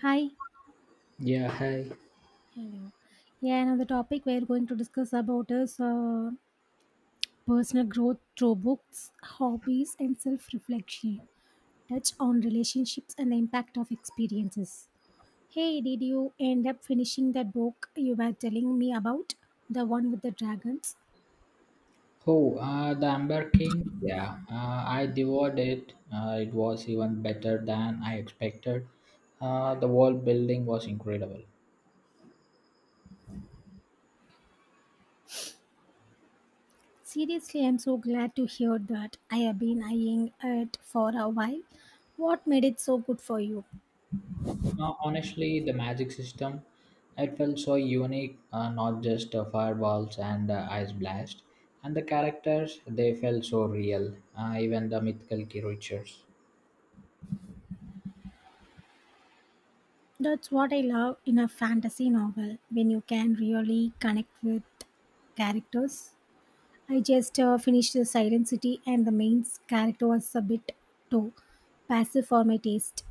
Hi. Yeah, hi. Hello. Yeah, another topic we're going to discuss about is personal growth through books, hobbies, and self-reflection. Touch on relationships and the impact of experiences. Hey, did you end up finishing that book you were telling me about, the one with the dragons? Oh, the Amber King. Yeah, I devoured it. It was even better than I expected. The world building was incredible. Seriously, I'm so glad to hear that. I have been eyeing it for a while. What made it so good for you? Honestly, the magic system, it felt so unique. Not just fireballs and ice blast, and the characters they felt so real. Even the mythical creatures. That's what I love in a fantasy novel when you can really connect with characters. I just finished The Silent City, and the main character was a bit too passive for my taste.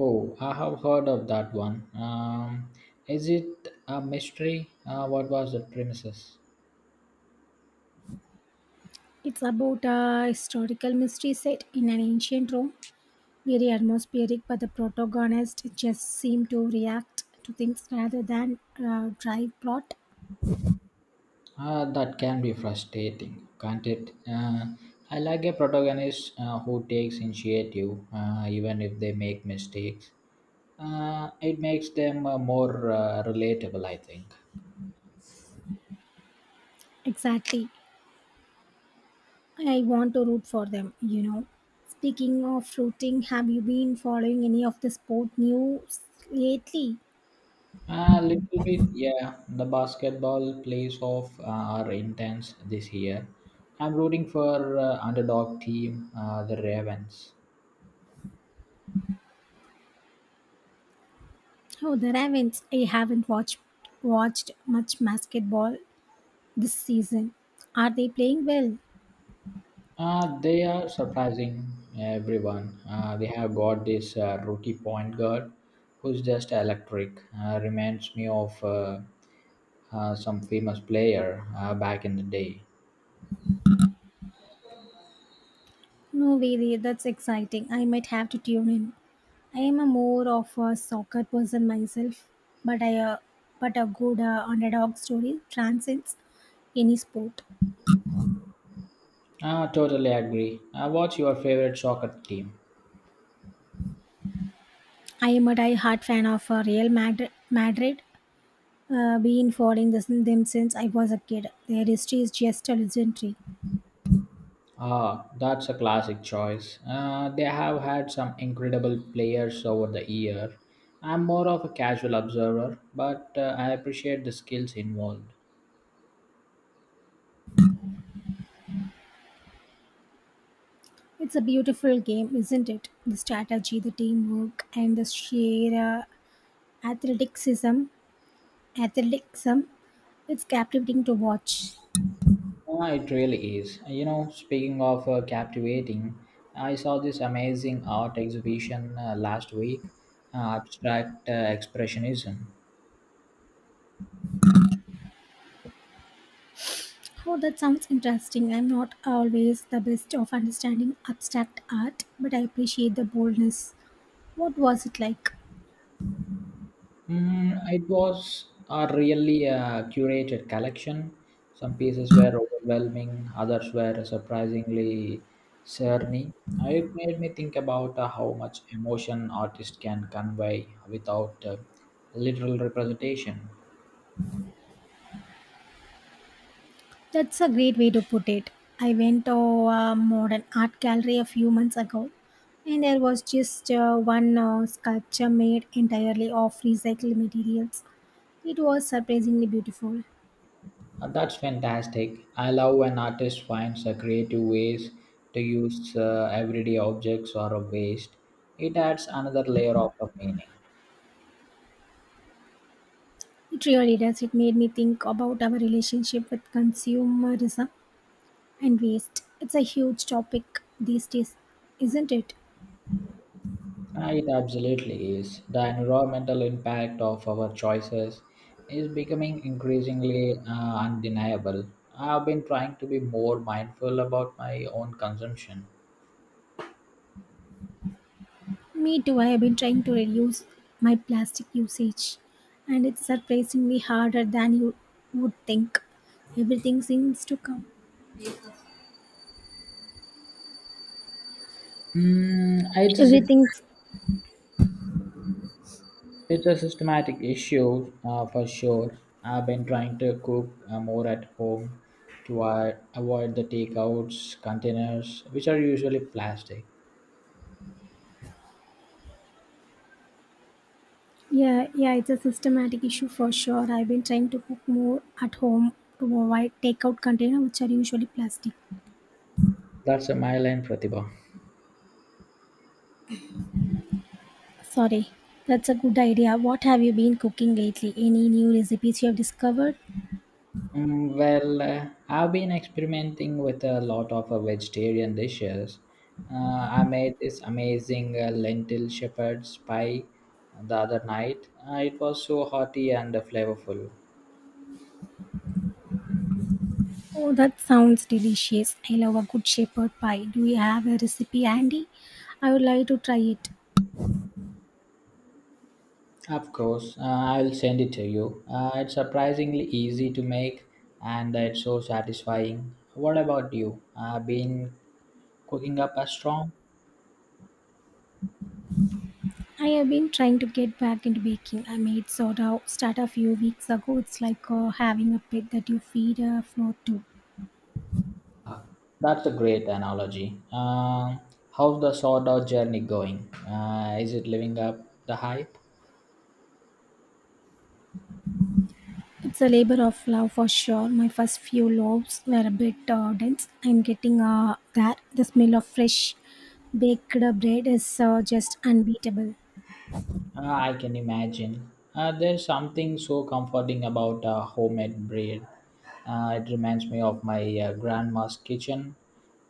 Oh, I have heard of that one. Is it a mystery? What was the premises? It's about a historical mystery set in an ancient Rome, very atmospheric, but the protagonist just seemed to react to things rather than drive plot. That can be frustrating, can't it? I like a protagonist who takes initiative, even if they make mistakes. It makes them more relatable, I think. Exactly. I want to root for them, you know. Speaking of rooting, have you been following any of the sport news lately? A little bit, yeah. The basketball playoffs are intense this year. I'm rooting for underdog team, the Ravens. Oh, the Ravens. I haven't watched much basketball this season. Are they playing well? They are surprising everyone. They have got this rookie point guard who's just electric. Reminds me of some famous player back in the day. No way, that's exciting. I might have to tune in. I am a more of a soccer person myself, but I uh, but a good underdog story transcends any sport. Totally agree. What's your favorite soccer team? I am a die-hard fan of Real Madrid been following them since I was a kid. Their history is just a legendary. Ah, that's a classic choice. They have had some incredible players over the year. I'm more of a casual observer, but I appreciate the skills involved. It's a beautiful game, isn't it? The strategy, the teamwork, and the sheer athleticism, athleticism. It's captivating to watch. Ah, it really is. You know, speaking of captivating, I saw this amazing art exhibition last week, abstract expressionism. Oh, that sounds interesting. I'm not always the best of understanding abstract art, but I appreciate the boldness. What was it like? It was a really curated collection. Some pieces were overwhelming, others were surprisingly cerny. It made me think about how much emotion artists can convey without literal representation. That's a great way to put it. I went to a modern art gallery a few months ago, and there was just one sculpture made entirely of recycled materials. It was surprisingly beautiful. That's fantastic. I love when artist finds creative ways to use everyday objects or a waste. It adds another layer of a meaning. It really does. It made me think about our relationship with consumerism and waste. It's a huge topic these days, isn't it? It absolutely is. The environmental impact of our choices is becoming increasingly undeniable. I've been trying to be more mindful about my own consumption. Me too. I have been trying to reduce my plastic usage, and it's surprisingly harder than you would think. Everything seems to come. Mm, it's Everything's It's a systematic issue for sure. I've been trying to cook more at home to avoid the takeouts containers, which are usually plastic. yeah, yeah. It's a systematic issue for sure. I've been trying to cook more at home to avoid takeout container, which are usually plastic. That's a my line, Pratibha. Sorry, that's a good idea. What have you been cooking lately? Any new recipes you have discovered? I've been experimenting with a lot of vegetarian dishes. I made this amazing lentil shepherd's pie the other night. It was so hearty and flavorful. Oh, that sounds delicious. I love a good shepherd pie. Do you have a recipe handy? I would like to try it. Of course, I'll send it to you. It's surprisingly easy to make and it's so satisfying. What about you? Been cooking up a storm? I have been trying to get back into baking. I made soda start a few weeks ago. It's like having a pet that you feed a float to. Ah, That's a great analogy. How's the sort of journey going? Is it living up the hype? It's a labor of love for sure. My first few loaves were a bit dense. I'm getting there. The smell of fresh baked bread is just unbeatable. I can imagine. There's something so comforting about homemade bread. It reminds me of my grandma's kitchen.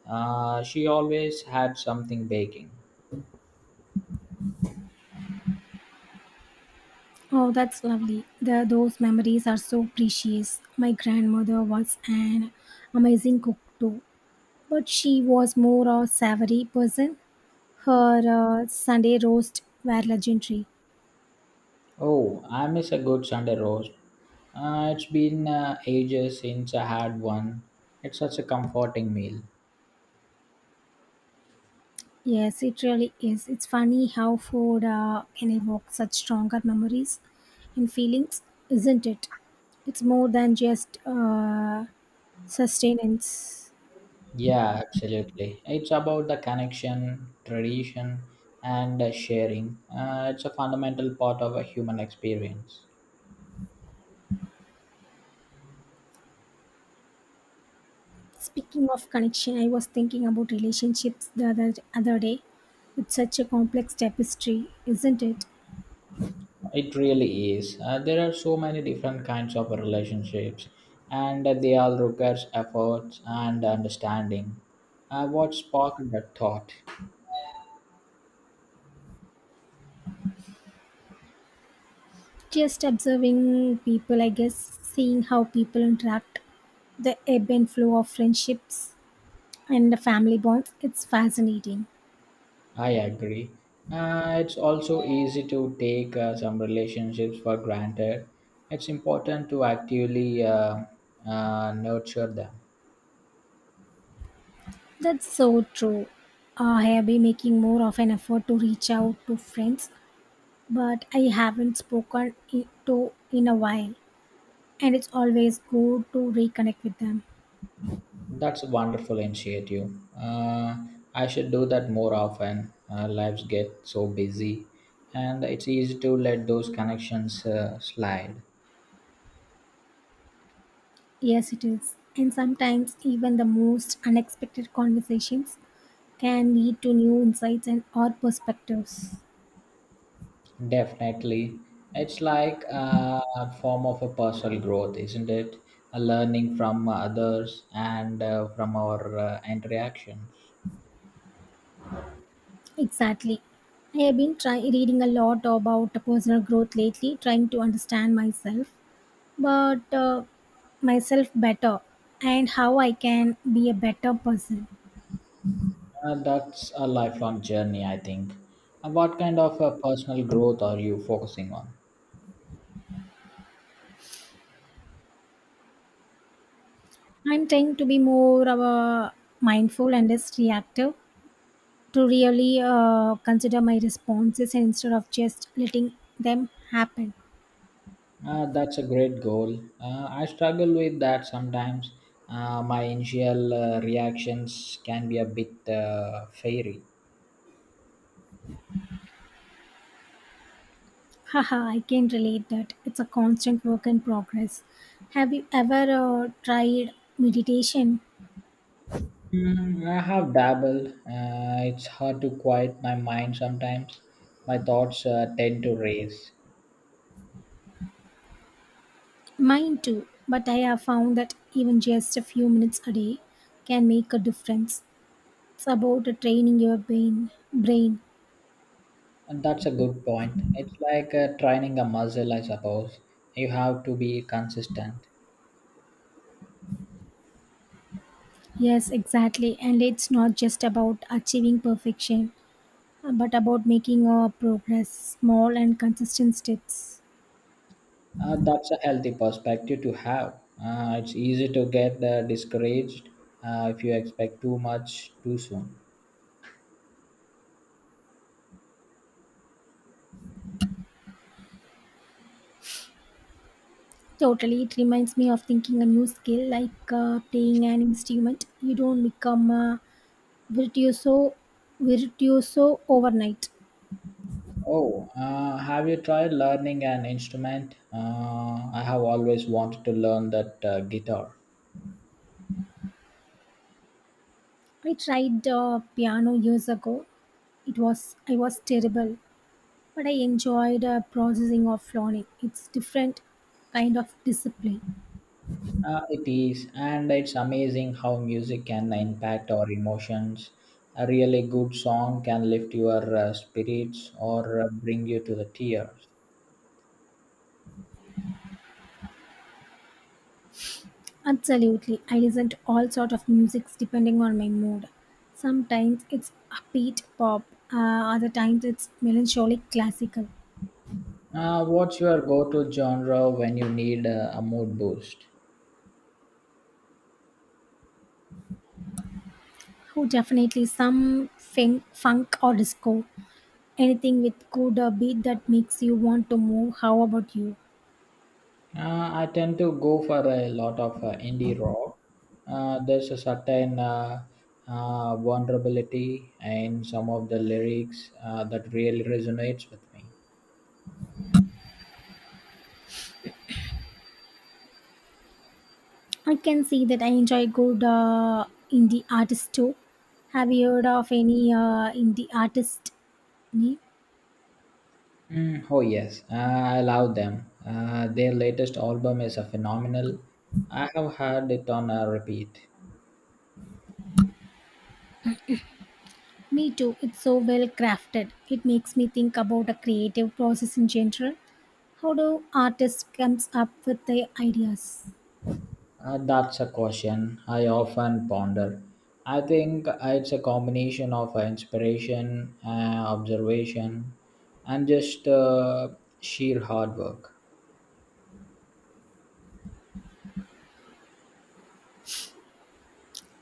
She always had something baking. Oh, that's lovely. Those memories are so precious. My grandmother was an amazing cook too, but she was more a savory person. Her Sunday roast were legendary. Oh, I miss a good Sunday roast. It's been ages since I had one. It's such a comforting meal. Yes, it really is. It's funny how food can evoke such stronger memories and feelings, isn't it? It's more than just sustenance. Yeah, absolutely. It's about the connection, tradition, and sharing. It's a fundamental part of a human experience. Speaking of connection, I was thinking about relationships the other day. It's such a complex tapestry, isn't it? It really is. There are so many different kinds of relationships, and they all require efforts and understanding. What sparked that thought? Just observing people, I guess, seeing how people interact, the ebb and flow of friendships and the family bonds. It's fascinating. I agree. It's also easy to take some relationships for granted. It's important to actively nurture them. That's so true. I have been making more of an effort to reach out to friends, but I haven't spoken to in a while, and it's always good to reconnect with them. That's a wonderful initiative. I should do that more often. Lives get so busy, and it's easy to let those connections slide. Yes, it is. And sometimes even the most unexpected conversations can lead to new insights and or perspectives. Definitely. It's like a form of a personal growth, isn't it? A learning from others and from our interactions. Exactly. I have reading a lot about personal growth lately, trying to understand but uh, myself better and how I can be a better person. That's a lifelong journey, I think. What kind of personal growth are you focusing on? I'm trying to be more of a mindful and less reactive to really consider my responses instead of just letting them happen. That's a great goal. I struggle with that sometimes. My initial reactions can be a bit fiery. Haha, I can relate that. It's a constant work in progress. Have you ever tried meditation? I have dabbled. It's hard to quiet my mind sometimes. My thoughts tend to race. Mine too, but I have found that even just a few minutes a day can make a difference. It's about training your brain. And that's a good point. It's like training a muscle, I suppose. You have to be consistent. Yes, exactly. And it's not just about achieving perfection, but about making our progress small and consistent steps. That's a healthy perspective to have. It's easy to get discouraged if you expect too much too soon. Totally, it reminds me of thinking a new skill like playing an instrument. You don't become a virtuoso, virtuoso overnight. Oh, have you tried learning an instrument? I have always wanted to learn that guitar. I tried piano years ago. It was I was terrible, but I enjoyed processing of learning. It's different kind of discipline. It is, and it's amazing how music can impact our emotions. A really good song can lift your spirits or bring you to the tears. Absolutely. I listen to all sort of musics depending on my mood. Sometimes it's upbeat pop, uh, other times it's melancholic classical. What's your go-to genre when you need a mood boost? Oh, definitely some funk or disco. Anything with good beat that makes you want to move. How about you? I tend to go for a lot of indie rock. There's a certain vulnerability in some of the lyrics that really resonates with me. I can see that I enjoy good indie artists too. Have you heard of any indie artist name? Oh yes, I love them. Their latest album is a phenomenal. I have heard it on a repeat. Me too. It's so well crafted. It makes me think about a creative process in general. How do artists comes up with their ideas? That's a question I often ponder. I think it's a combination of inspiration, observation, and just sheer hard work.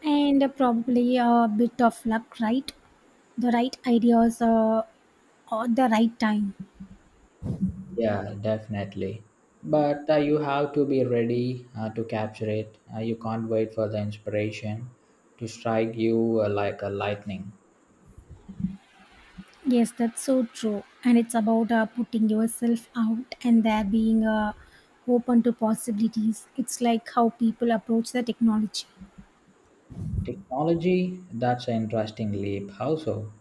And probably a bit of luck, right? The right ideas at the right time. Yeah, definitely. But you have to be ready to capture it. You can't wait for the inspiration to strike you like a lightning. Yes, that's so true. And it's about putting yourself out and there being open to possibilities. It's like how people approach the technology. Technology, that's an interesting leap. How so?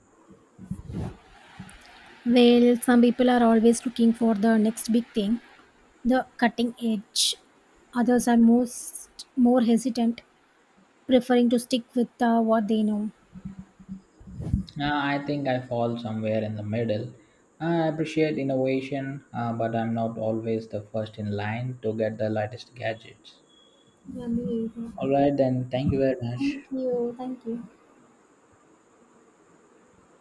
Well, some people are always looking for the next big thing, the cutting edge. Others are most more hesitant, preferring to stick with what they know. I think I fall somewhere in the middle. I appreciate innovation, but I'm not always the first in line to get the latest gadgets. Yeah, me either. All right, then, thank you very much. Thank you. Thank you.